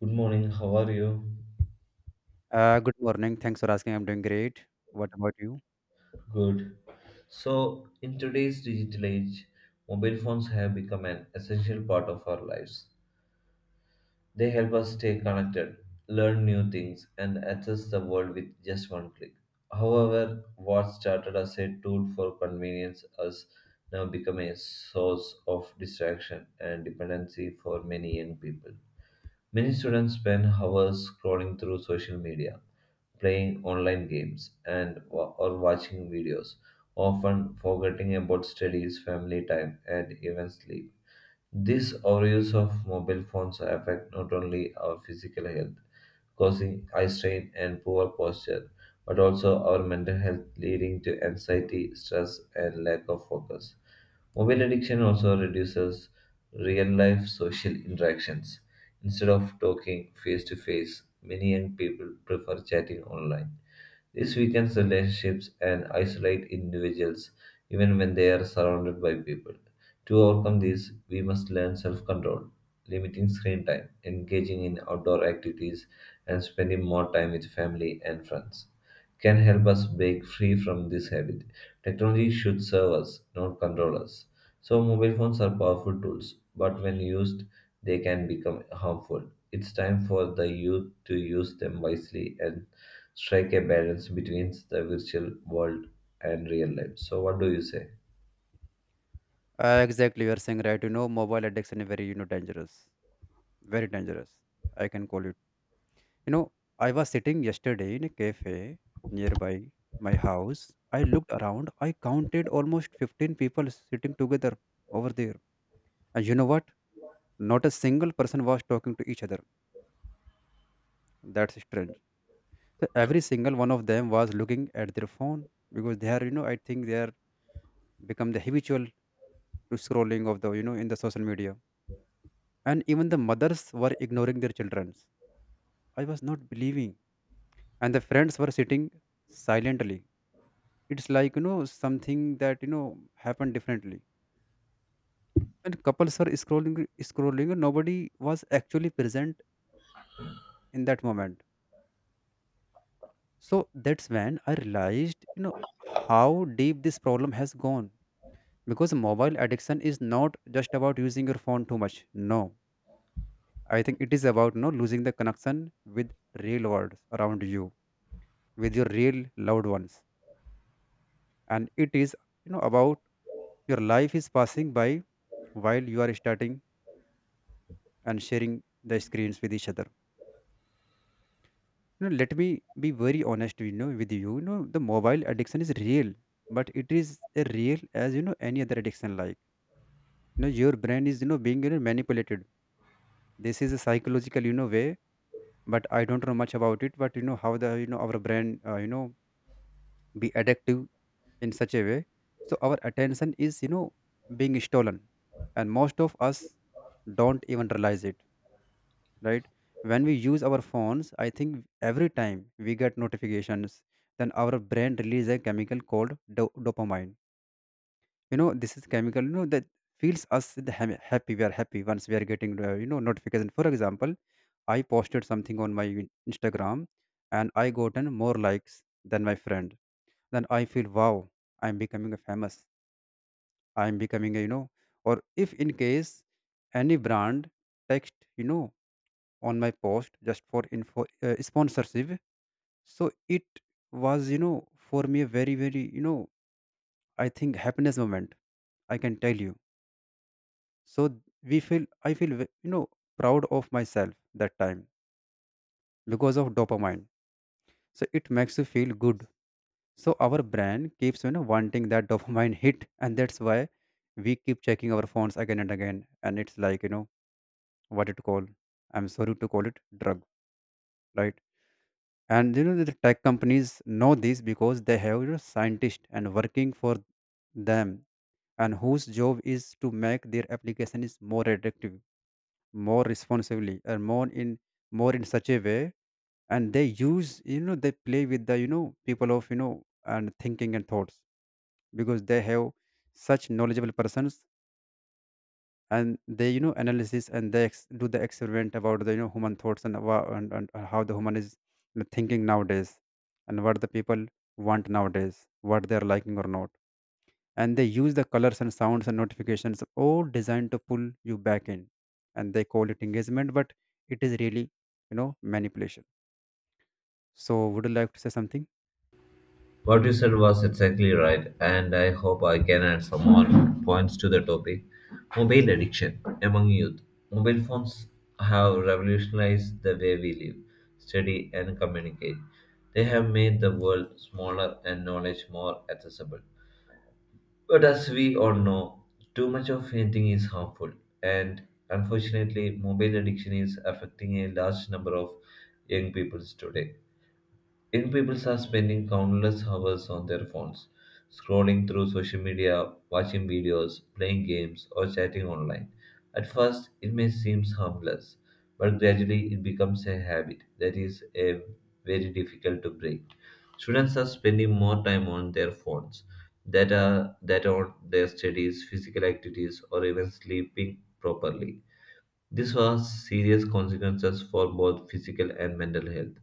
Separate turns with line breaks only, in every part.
Good morning, how are you?
Good morning. Thanks for asking. I'm doing great. What about you?
Good. So, in today's digital age, mobile phones have become an essential part of our lives. They help us stay connected, learn new things, and access the world with just one click. However, what started as a tool for convenience has now become a source of distraction and dependency for many young people. Many students spend hours scrolling through social media, playing online games, and wa- or watching videos, often forgetting about studies, family time, and even sleep. These overuse of mobile phones affect not only our physical health, causing eye strain and poor posture, but also our mental health, leading to anxiety, stress, and lack of focus. Mobile addiction also reduces real life social interactions. Instead of talking face to face, many young people prefer chatting online. This weakens relationships and isolates individuals even when they are surrounded by people. To overcome this, we must learn self control, limiting screen time, engaging in outdoor activities, and spending more time with family and friends. Can help us break free from this habit. Technology should serve us, not control us. So, mobile phones are powerful tools, but when used, they can become harmful. It's time for the youth to use them wisely and strike a balance between the virtual world and real life. So, what do you say?
Exactly, you're saying right. Mobile addiction is very dangerous. Very dangerous. I can call it. You know, I was sitting yesterday in a cafe nearby my house. I looked around. I counted almost 15 people sitting together over there. And you know what? Not a single person was talking to each other. That's strange. So every single one of them was looking at their phone, because they are, I think they are become the habitual to scrolling of the in the social media. And even the mothers were ignoring their children. I was not believing, and the friends were sitting silently. It's like, something that happened differently. And couples were scrolling, and nobody was actually present in that moment. So that's when I realized, how deep this problem has gone, because mobile addiction is not just about using your phone too much. No, I think it is about, losing the connection with real world around you, with your real loved ones. And it is about your life is passing by while you are starting and sharing the screens with each other. Let me be very honest with you. The mobile addiction is real, but it is a real as any other addiction. Like, your brain is being manipulated. This is a psychological way, but I don't know much about it. But you know how the our brain be addictive in such a way. So our attention is being stolen, and most of us don't even realize it, right? When we use our phones, I think every time we get notifications, then our brain releases a chemical called dopamine. This is chemical that feels us the happy. We are happy once we are getting notification. For example, I posted something on my Instagram, and I gotten more likes than my friend. Then I feel wow, I'm becoming famous. I am becoming a, or if in case any brand text on my post just for info, sponsorship. So it was for me a very, very, I think happiness moment. I can tell you. So I feel proud of myself that time because of dopamine. So it makes you feel good. So our brain keeps wanting that dopamine hit, and that's why we keep checking our phones again and again. And it's like, what it call. I'm sorry to call it drug, right? And the tech companies know this, because they have scientists and working for them, and whose job is to make their application is more attractive, more responsibly, and more in such a way. And they use they play with the people of and thinking and thoughts, because they have such knowledgeable persons, and they analysis and they do the experiment about the human thoughts, and how the human is, thinking nowadays, and what the people want nowadays, what they are liking or not. And they use the colors and sounds and notifications all designed to pull you back in. And they call it engagement, but it is really manipulation. So would you like to say something?
What you said was exactly right, and I hope I can add some more points to the topic. Mobile addiction among youth. Mobile phones have revolutionized the way we live, study, and communicate. They have made the world smaller and knowledge more accessible. But as we all know, too much of anything is harmful, and unfortunately, mobile addiction is affecting a large number of young people today. Young people are spending countless hours on their phones, scrolling through social media, watching videos, playing games, or chatting online. At first, it may seem harmless, but gradually it becomes a habit that is a very difficult to break. Students are spending more time on their phones that on their studies, physical activities, or even sleeping properly. This has serious consequences for both physical and mental health.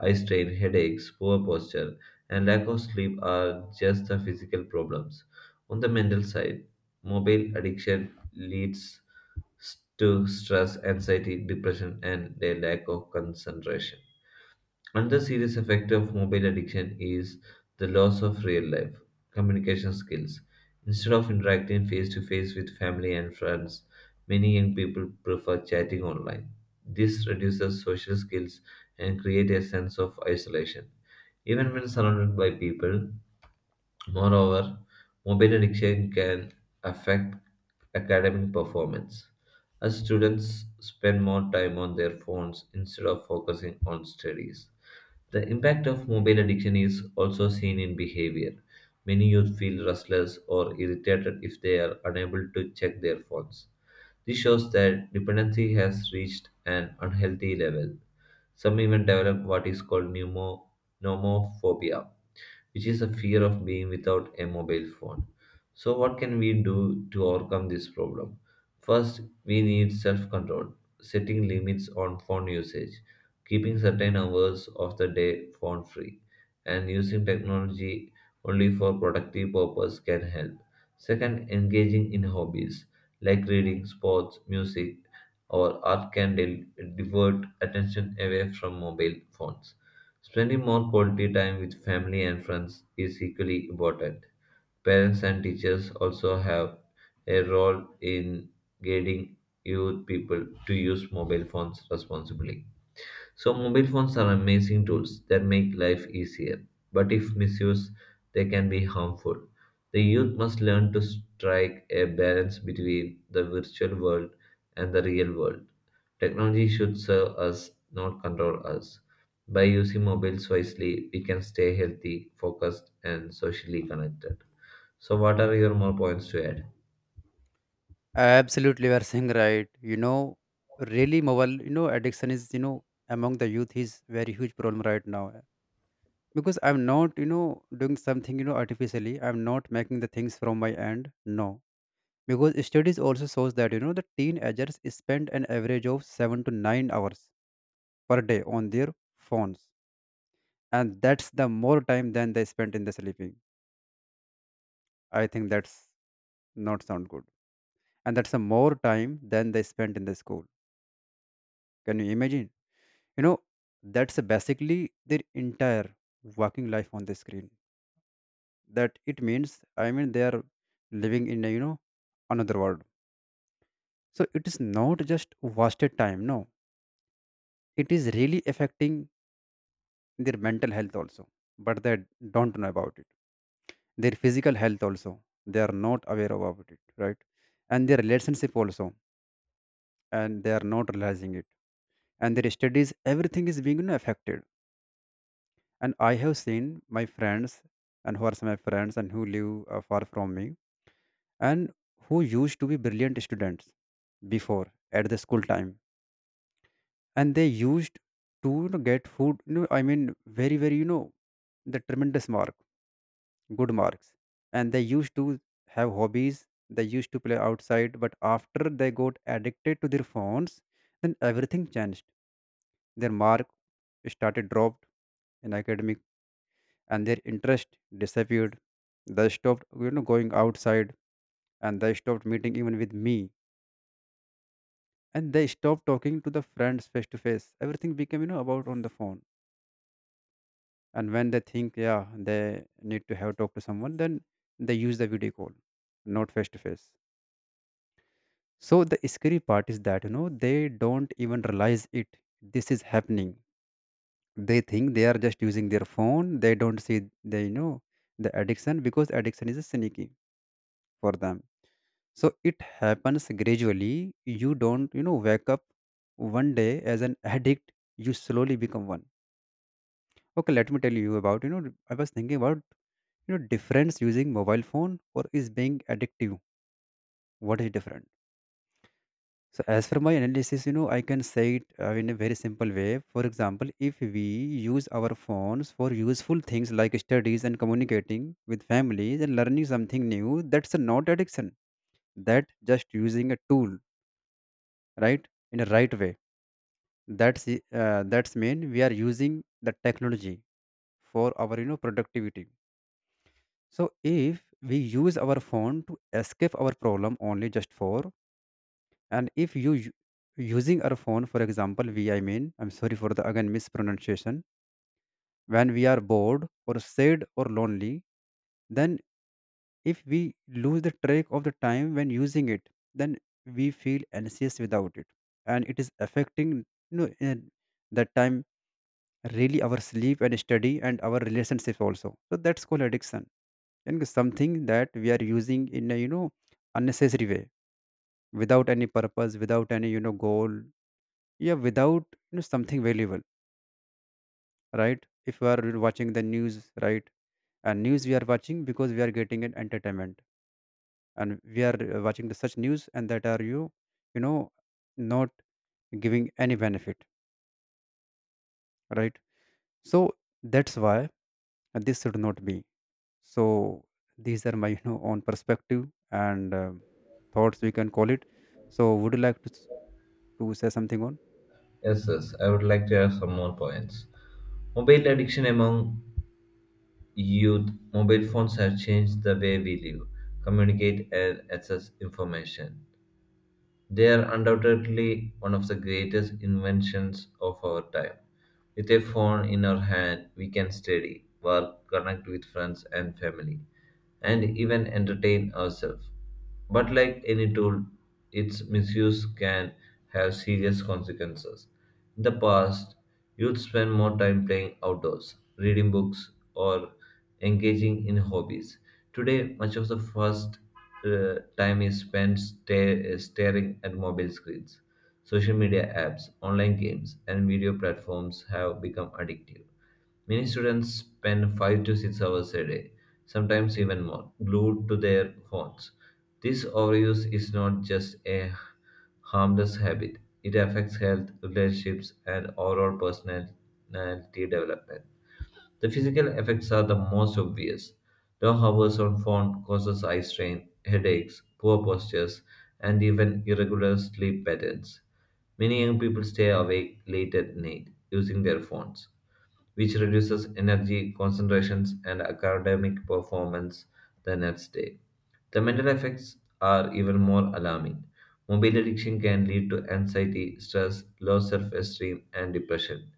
Eye strain, headaches, poor posture, and lack of sleep are just the physical problems. On the mental side, mobile addiction leads to stress, anxiety, depression, and a lack of concentration. Another serious effect of mobile addiction is the loss of real life communication skills. Instead of interacting face to face with family and friends, many young people prefer chatting online. This reduces social skills and creates a sense of isolation. Even when surrounded by people, moreover, mobile addiction can affect academic performance. As students spend more time on their phones instead of focusing on studies, the impact of mobile addiction is also seen in behavior. Many youth feel restless or irritated if they are unable to check their phones. This shows that dependency has reached an unhealthy level. Some even develop what is called pneumophobia, which is a fear of being without a mobile phone. So, what can we do to overcome this problem? First, we need self control, setting limits on phone usage, keeping certain hours of the day phone free, and using technology only for productive purpose can help. Second, engaging in hobbies like reading, sports, music, or art can divert attention away from mobile phones. Spending more quality time with family and friends is equally important. Parents and teachers also have a role in guiding youth people to use mobile phones responsibly. So, mobile phones are amazing tools that make life easier, but if misused, they can be harmful. The youth must learn to strike a balance between the virtual world and the real world. Technology should serve us, not control us. By using mobiles wisely, we can stay healthy, focused, and socially connected. So, what are your more points to add?
Absolutely, you are saying right. Really, mobile addiction is, among the youth, is very huge problem right now. Because I'm not, doing something artificially. I'm not making the things from my end. No, because studies also shows that the teenagers spend an average of 7 to 9 hours per day on their phones, and that's the more time than they spent in the sleeping. I think that's not sound good. And that's a more time than they spent in the school. Can you imagine? you know that's basically their entire working life on the screen. That it means, I mean, they are living in a another world. So it is not just wasted time. No, it is really affecting their mental health also, but they don't know about it. Their physical health also, they are not aware about it, right? And their relationship also, and they are not realizing it. And their studies, everything is being affected. And I have seen my friends, and who are some of my friends and who live far from me, and who used to be brilliant students before at the school time. And they used to get food, I mean, very very the tremendous mark, good marks. And they used to have hobbies, they used to play outside. But after they got addicted to their phones, then everything changed. Their mark started dropped in academic, and their interest disappeared. They stopped going outside, and they stopped meeting even with me. And they stop talking to the friends face to face. Everything became about on the phone. And when they think yeah, they need to have talk to someone, then they use the video call, not face to face. So the scary part is that they don't even realize it. This is happening. They think they are just using their phone. They don't see they, the addiction, because addiction is sneaky for them. So it happens gradually. You don't wake up one day as an addict. You slowly become one. Okay, let me tell you about, I was thinking about, difference using mobile phone or is being addictive. What is different? So as for my analysis, I can say it in a very simple way. For example, if we use our phones for useful things like studies and communicating with families and learning something new, that's a not addiction. That just using a tool, right, in a right way. That's mean we are using the technology for our productivity. So if we use our phone to escape our problem only just for, and if using our phone, for example, I mean, I'm sorry for the again mispronunciation, when we are bored or sad or lonely, then if we lose the track of the time when using it, then we feel anxious without it. And it is affecting, in that time, really our sleep and study and our relationship also. So that's called addiction, and something that we are using in a unnecessary way, without any purpose, without any goal. Yeah, without, something valuable. Right, if we are watching the news, right, and news we are watching because we are getting an entertainment, and we are watching the such news, and that are you you know not giving any benefit, right? So that's why this should not be. So these are my own perspective. And thoughts, we can call it. So would you like to say something on?
Yes, yes, I would like to add some more points. Mobile addiction among youth, mobile phones have changed the way we live, communicate, and access information. They are undoubtedly one of the greatest inventions of our time. With a phone in our hand, we can study, work, connect with friends and family, and even entertain ourselves. But like any tool, its misuse can have serious consequences. In the past, youth spent more time playing outdoors, reading books, or engaging in hobbies. Today, much of the first time is spent staring at mobile screens. Social media apps, online games, and video platforms have become addictive. Many students spend 5 to 6 hours a day, sometimes even more, glued to their phones. This overuse is not just a harmless habit, it affects health, relationships, and overall personality development. The physical effects are the most obvious. Long hours on phone causes eye strain, headaches, poor postures, and even irregular sleep patterns. Many young people stay awake late at night using their phones, which reduces energy concentrations and academic performance the next day. The mental effects are even more alarming. Mobile addiction can lead to anxiety, stress, low self esteem, and depression.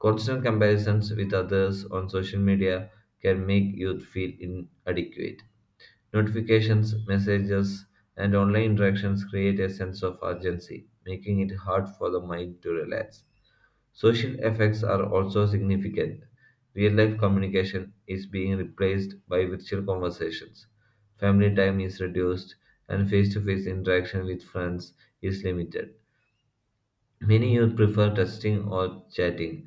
Constant comparisons with others on social media can make youth feel inadequate. Notifications, messages, and online interactions create a sense of urgency, making it hard for the mind to relax. Social effects are also significant. Real life communication is being replaced by virtual conversations. Family time is reduced, and face to face interaction with friends is limited. Many youth prefer texting or chatting,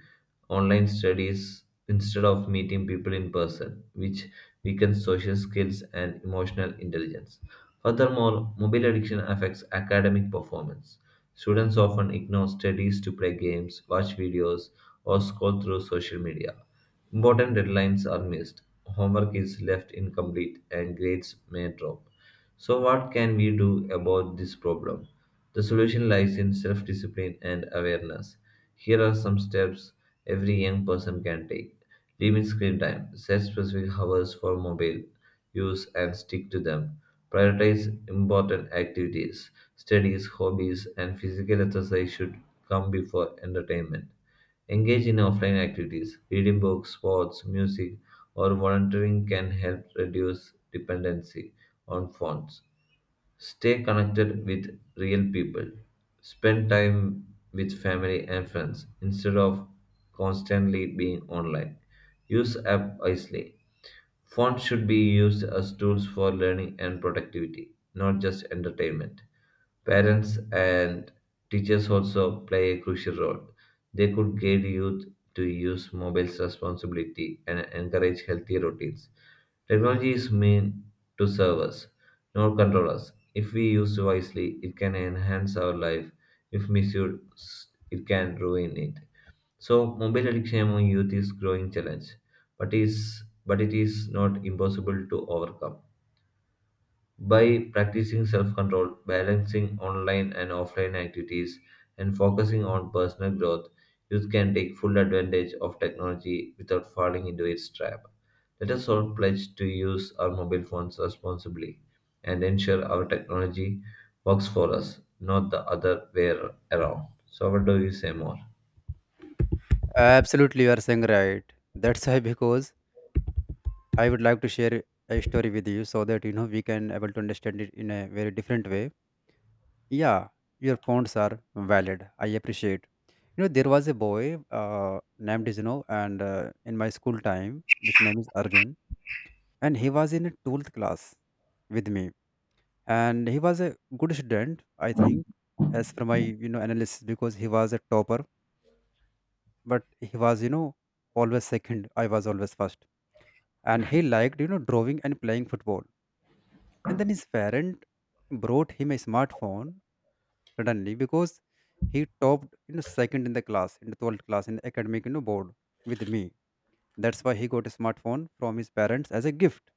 online studies instead of meeting people in person, which weakens social skills and emotional intelligence. Furthermore, mobile addiction affects academic performance. Students often ignore studies to play games, watch videos, or scroll through social media. Important deadlines are missed, homework is left incomplete, and grades may drop. So, what can we do about this problem? The solution lies in self discipline and awareness. Here are some steps every young person can take: limit screen time, set specific hours for mobile use and stick to them, prioritize important activities, studies, hobbies, and physical exercise should come before entertainment. Engage in offline activities. Reading books, sports, music, or volunteering can help reduce dependency on phones. Stay connected with real people. Spend time with family and friends instead of constantly being online. Use app wisely. Fonts should be used as tools for learning and productivity, not just entertainment. Parents and teachers also play a crucial role. They could guide youth to use mobiles responsibly and encourage healthy routines. Technology is meant to serve us, not control us. If we use wisely, it can enhance our life. If misused, it can ruin it. So mobile addiction among youth is growing challenge, but it is not impossible to overcome. By practicing self-control, balancing online and offline activities, and focusing on personal growth, youth can take full advantage of technology without falling into its trap. Let us all pledge to use our mobile phones responsibly and ensure our technology works for us, not the other way around. So what do you say more?
Absolutely, you are saying right. That's why, because I would like to share a story with you, so that we can able to understand it in a very different way. Yeah, your points are valid. I appreciate. There was a boy named is, and in my school time, which name is Arjun. And he was in a 12th class with me, and he was a good student, I think, as for my analysis because he was a topper, but he was always second. I was always first and he liked drawing and playing football. And then his parent brought him a smartphone suddenly because he topped, second in the class, in the 12th class in the academic board with me. That's why he got a smartphone from his parents as a gift.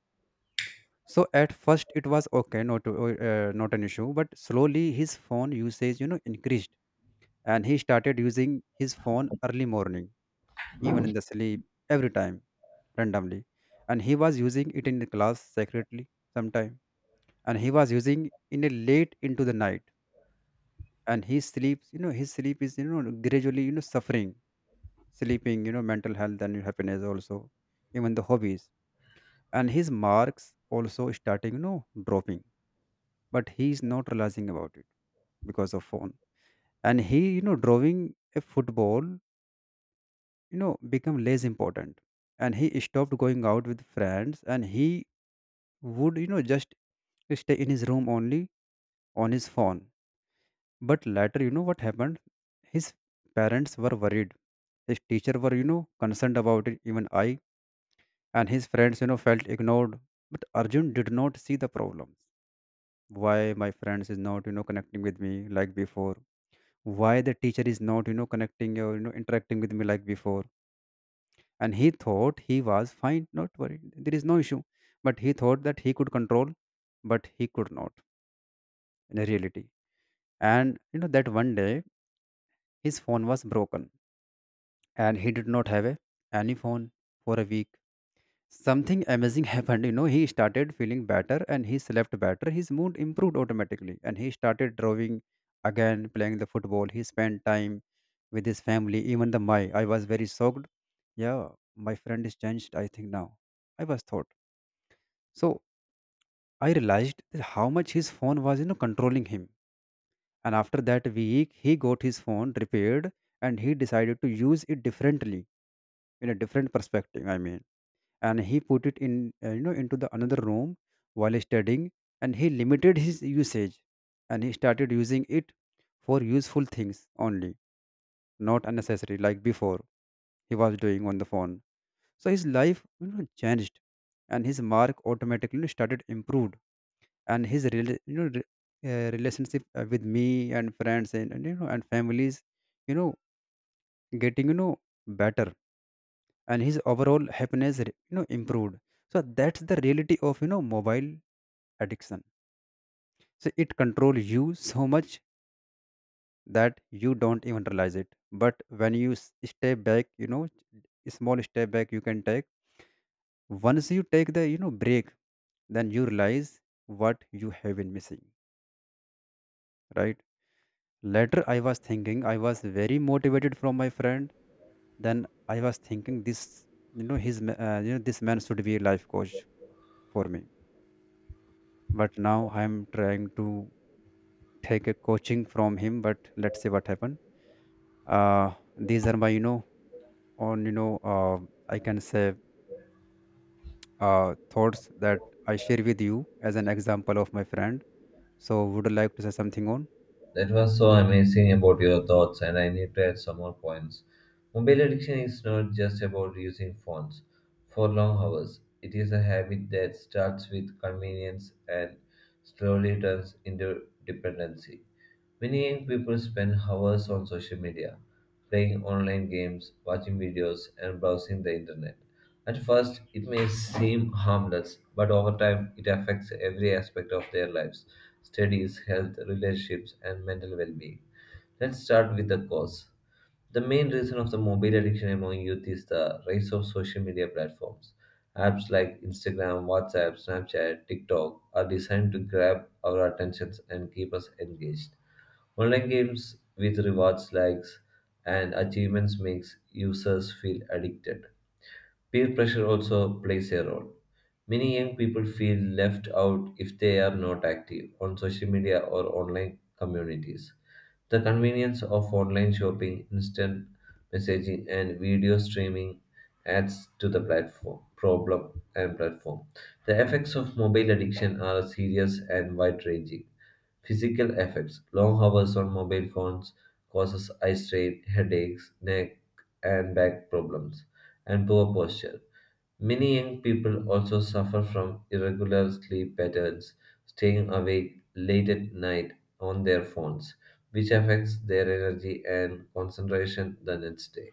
So at first it was okay, not an issue, but slowly his phone usage increased. And he started using his phone early morning, even in the sleep, every time, randomly. And he was using it in the class secretly sometime, and he was using in a late into the night. And he sleeps, his sleep is gradually suffering, sleeping, mental health and happiness also, even the hobbies. And his marks also starting dropping, but he is not realizing about it because of phone. And he drawing, a football become less important. And he stopped going out with friends, and he would just stay in his room only, on his phone. But later, you know what happened? His parents were worried. His teacher were, concerned about it, even I. And his friends, felt ignored. But Arjun did not see the problem. Why my friends is not, connecting with me like before? Why the teacher is not, connecting or, interacting with me like before? And he thought he was fine, not worried. There is no issue. But he thought that he could control, but he could not in reality. And, that one day his phone was broken and he did not have any phone for a week. Something amazing happened. You know, he started feeling better and he slept better. His mood improved automatically and he started drawing again, playing the football. He spent time with his family, even the my. I was very shocked. Yeah, my friend is changed, I think now. I was thought. So I realized that how much his phone was, controlling him. And after that week, he got his phone repaired and he decided to use it differently, in a different perspective. I mean, and he put it in into the another room while studying. And he limited his usage and he started using it for useful things only, not unnecessary like before he was doing on the phone. So his life changed, and his mark automatically started improved. And his relationship with me and friends and and families you know getting better. And his overall happiness improved. So that's the reality of mobile addiction. So it controls you so much that you don't even realize it. But when you step back, you know, small step back you can take. Once you take the, break, then you realize what you have been missing, right? Later, I was thinking, I was very motivated from my friend. Then I was thinking this, his, this man should be a life coach for me. But now I'm trying to take a coaching from him. But let's see what happened. Uh, these are my on you know I can say thoughts that I share with you as an example of my friend. So would you like to say something on?
That was so amazing about your thoughts, and I need to add some more points. Mobile addiction is not just about using phones for long hours, it is a habit that starts with convenience and slowly turns into dependency. Many young people spend hours on social media, playing online games, watching videos, and browsing the internet. At first, it may seem harmless, but over time, it affects every aspect of their lives: studies, health, relationships, and mental well being. Let's start with the cause. The main reason of the mobile addiction among youth is the rise of social media platforms. Apps like Instagram, WhatsApp, Snapchat, TikTok are designed to grab our attentions and keep us engaged. Online games with rewards, likes, and achievements makes users feel addicted. Peer pressure also plays a role. Many young people feel left out if they are not active on social media or online communities. The convenience of online shopping, instant messaging, and video streaming adds to the platform problem and platform. The effects of mobile addiction are serious and wide-ranging. Physical effects: long hours on mobile phones causes eye strain, headaches, neck and back problems, and poor posture. Many young people also suffer from irregular sleep patterns, staying awake late at night on their phones, which affects their energy and concentration the next day.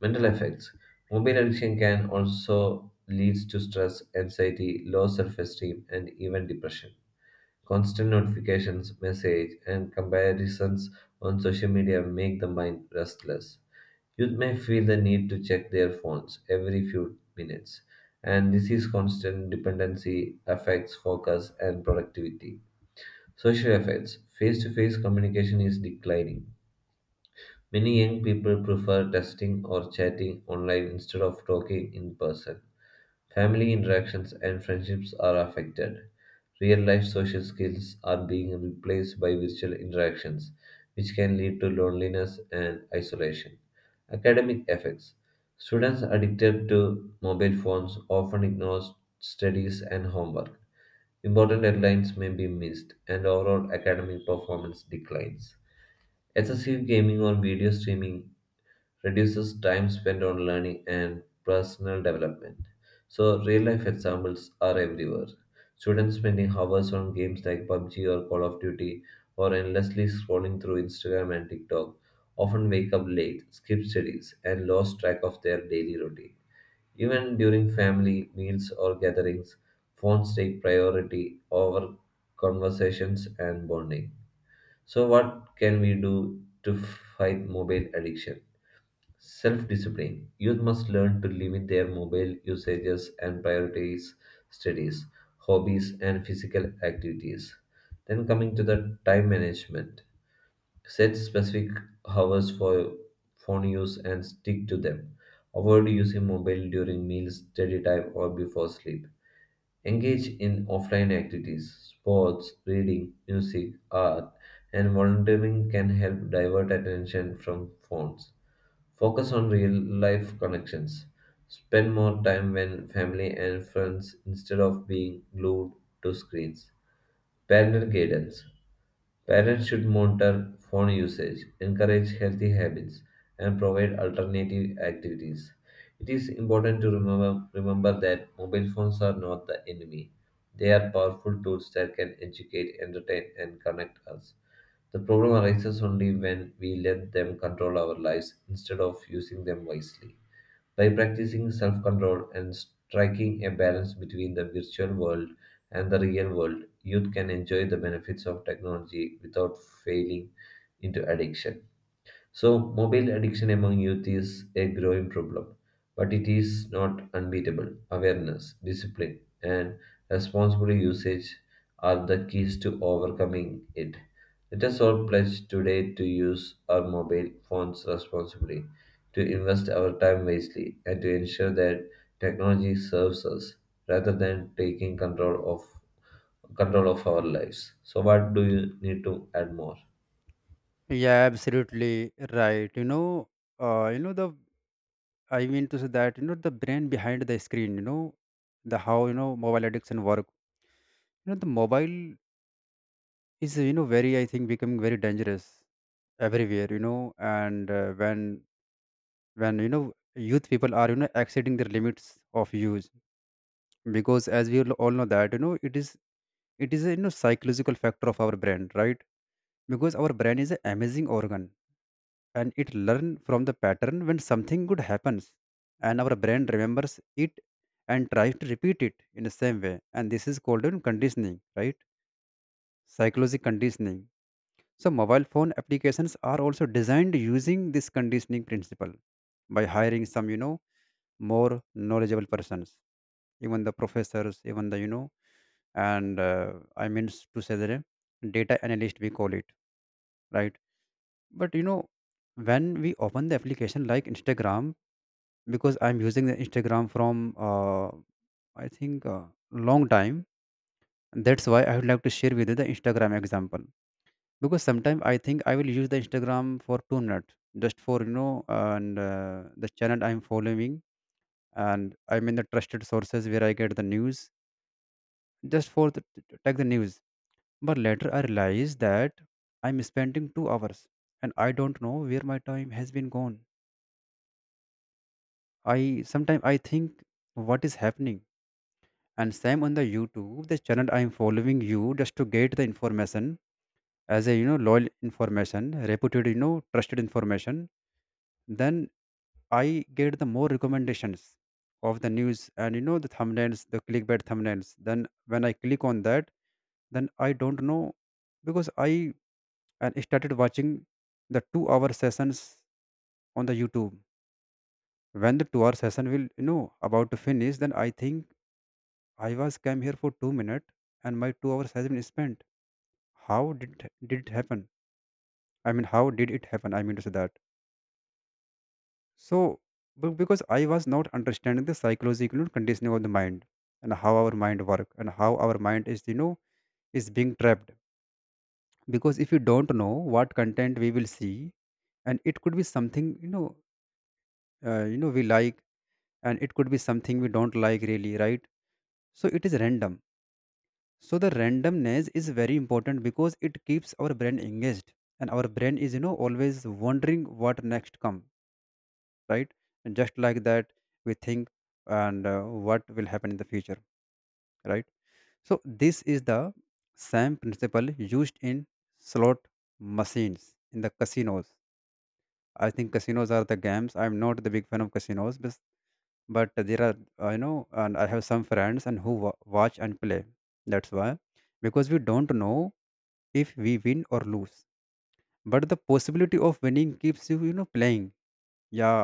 Mental effects: mobile addiction can also leads to stress, anxiety, low self-esteem, and even depression. Constant notifications, message, and comparisons on social media make the mind restless. Youth may feel the need to check their phones every few minutes, and this is constant dependency affects focus and productivity. Social effects: face to face communication is declining. Many young people prefer texting or chatting online instead of talking in person. Family interactions and friendships are affected. Real life social skills are being replaced by virtual interactions, which can lead to loneliness and isolation. Academic effects: students addicted to mobile phones often ignore studies and homework. Important deadlines may be missed, and overall academic performance declines. Excessive gaming or video streaming reduces time spent on learning and personal development. So, real life examples are everywhere. Students spending hours on games like PUBG or Call of Duty or endlessly scrolling through Instagram and TikTok often wake up late, skip studies, and lose track of their daily routine. Even during family meals or gatherings, phones take priority over conversations and bonding. So, what can we do to fight mobile addiction? Self discipline. Youth must learn to limit their mobile usages and prioritize studies, hobbies, and physical activities. Then, coming to the time management, set specific hours for phone use and stick to them. Avoid using mobile during meals, study time, or before sleep. Engage in offline activities, sports, reading, music, art, and volunteering can help divert attention from phones. Focus on real life connections. Spend more time with family and friends instead of being glued to screens. Parental guidance. Parents should monitor phone usage, encourage healthy habits, and provide alternative activities. It is important to remember that mobile phones are not the enemy. They are powerful tools that can educate, entertain, and connect us. The problem arises only when we let them control our lives instead of using them wisely. By practicing self control and striking a balance between the virtual world and the real world, youth can enjoy the benefits of technology without failing into addiction. So, mobile addiction among youth is a growing problem, but it is not unbeatable. Awareness, discipline, and responsible usage are the keys to overcoming it. Let us all pledge today to use our mobile phones responsibly, to invest our time wisely, and to ensure that technology serves us rather than taking control of our lives. So, what do you need to add more?
Yeah, absolutely right. You know, the I mean to say that the brain behind the screen. You know, the how mobile addiction work. You know, the mobile is very, I think, becoming very dangerous everywhere. You know, and when youth people are exceeding their limits of use, because as we all know that it is a, psychological factor of our brain, right? Because our brain is an amazing organ and it learn from the pattern when something good happens, and our brain remembers it and tries to repeat it in the same way, and this is called in conditioning, right? Psychological conditioning. So mobile phone applications are also designed using this conditioning principle, by hiring some more knowledgeable persons, even the professors, even the you know, and I means to say that a data analyst we call it, right? But you know, when we open the application like Instagram, because I'm using the Instagram from I think long time. That's why I would like to share with you the Instagram example, because sometimes I think I will use the Instagram for 2 minutes, just for you know and the channel I'm following, and I mean the trusted sources where I get the news, just for to take the news. But later I realized that I'm spending 2 hours and I don't know where my time has been gone. I sometimes I think what is happening. And same on the YouTube, the channel I'm following you, just to get the information as a, loyal information, reputed, trusted information. Then I get the more recommendations of the news and the thumbnails, the clickbait thumbnails. Then when I click on that, then I don't know, because I and started watching the 2 hour sessions on the youtube. When the 2 hour session will about to finish, then I think I was came here for 2 minutes and my 2 hours has been spent. How did it happen? I mean how did it happen, I mean to say that. So because I was not understanding the psychological conditioning of the mind and how our mind work and how our mind is is being trapped. Because if you don't know what content we will see, and it could be something we like, and it could be something we don't like, really, right? So it is random. So the randomness is very important because it keeps our brain engaged, and our brain is always wondering what next come, right? And just like that we think and what will happen in the future, right? So this is the same principle used in slot machines in the casinos. I think casinos are the games, I'm not the big fan of casinos, but there are and I have some friends and who watch and play. That's why, because we don't know if we win or lose, but the possibility of winning keeps you you know playing. Yeah,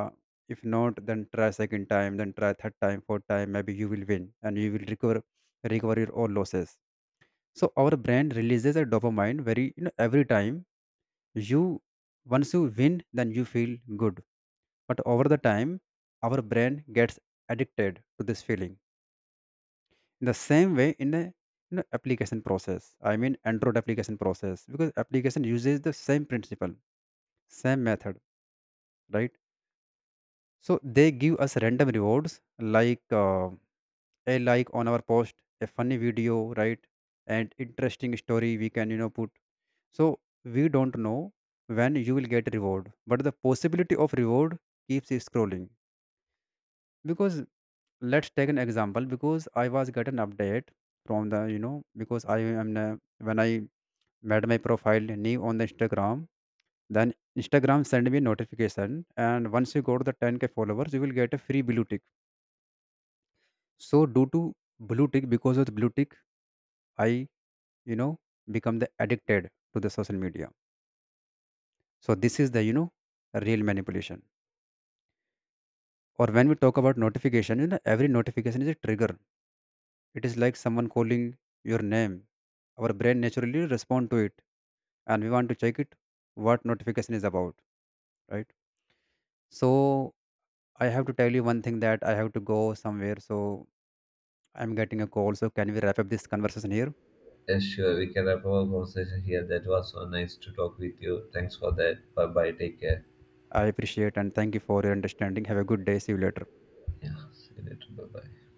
if not, then try second time, then try third time, fourth time, maybe you will win and you will recover your all losses. So our brain releases a dopamine very every time you, once you win, then you feel good. But over the time, our brain gets addicted to this feeling. The same way in a, application process, I mean android application process, because application uses the same principle, same method, right? So they give us random rewards, like a like on our post, a funny video, right? And interesting story we can put. So we don't know when you will get reward, but the possibility of reward keeps scrolling. Because let's take an example, because I was get an update from the, because I am when I made my profile new on the Instagram. Then Instagram send me notification, and once you go to the 10k followers, you will get a free blue tick. So due to blue tick, because of the blue tick, I you know become the addicted to the social media. So this is the real manipulation. Or when we talk about notification, you know every notification is a trigger. It is like someone calling your name. Our brain naturally respond to it, and we want to check it what notification is about, right? So I have to tell you one thing that I have to go somewhere, so I'm getting a call. So can we wrap up this conversation here?
Yes, sure. We can wrap up our conversation here. That was so nice to talk with you. Thanks for that. Bye bye. Take care.
I appreciate and thank you for your understanding. Have a good day. See you later.
Yeah. See you later. Bye bye.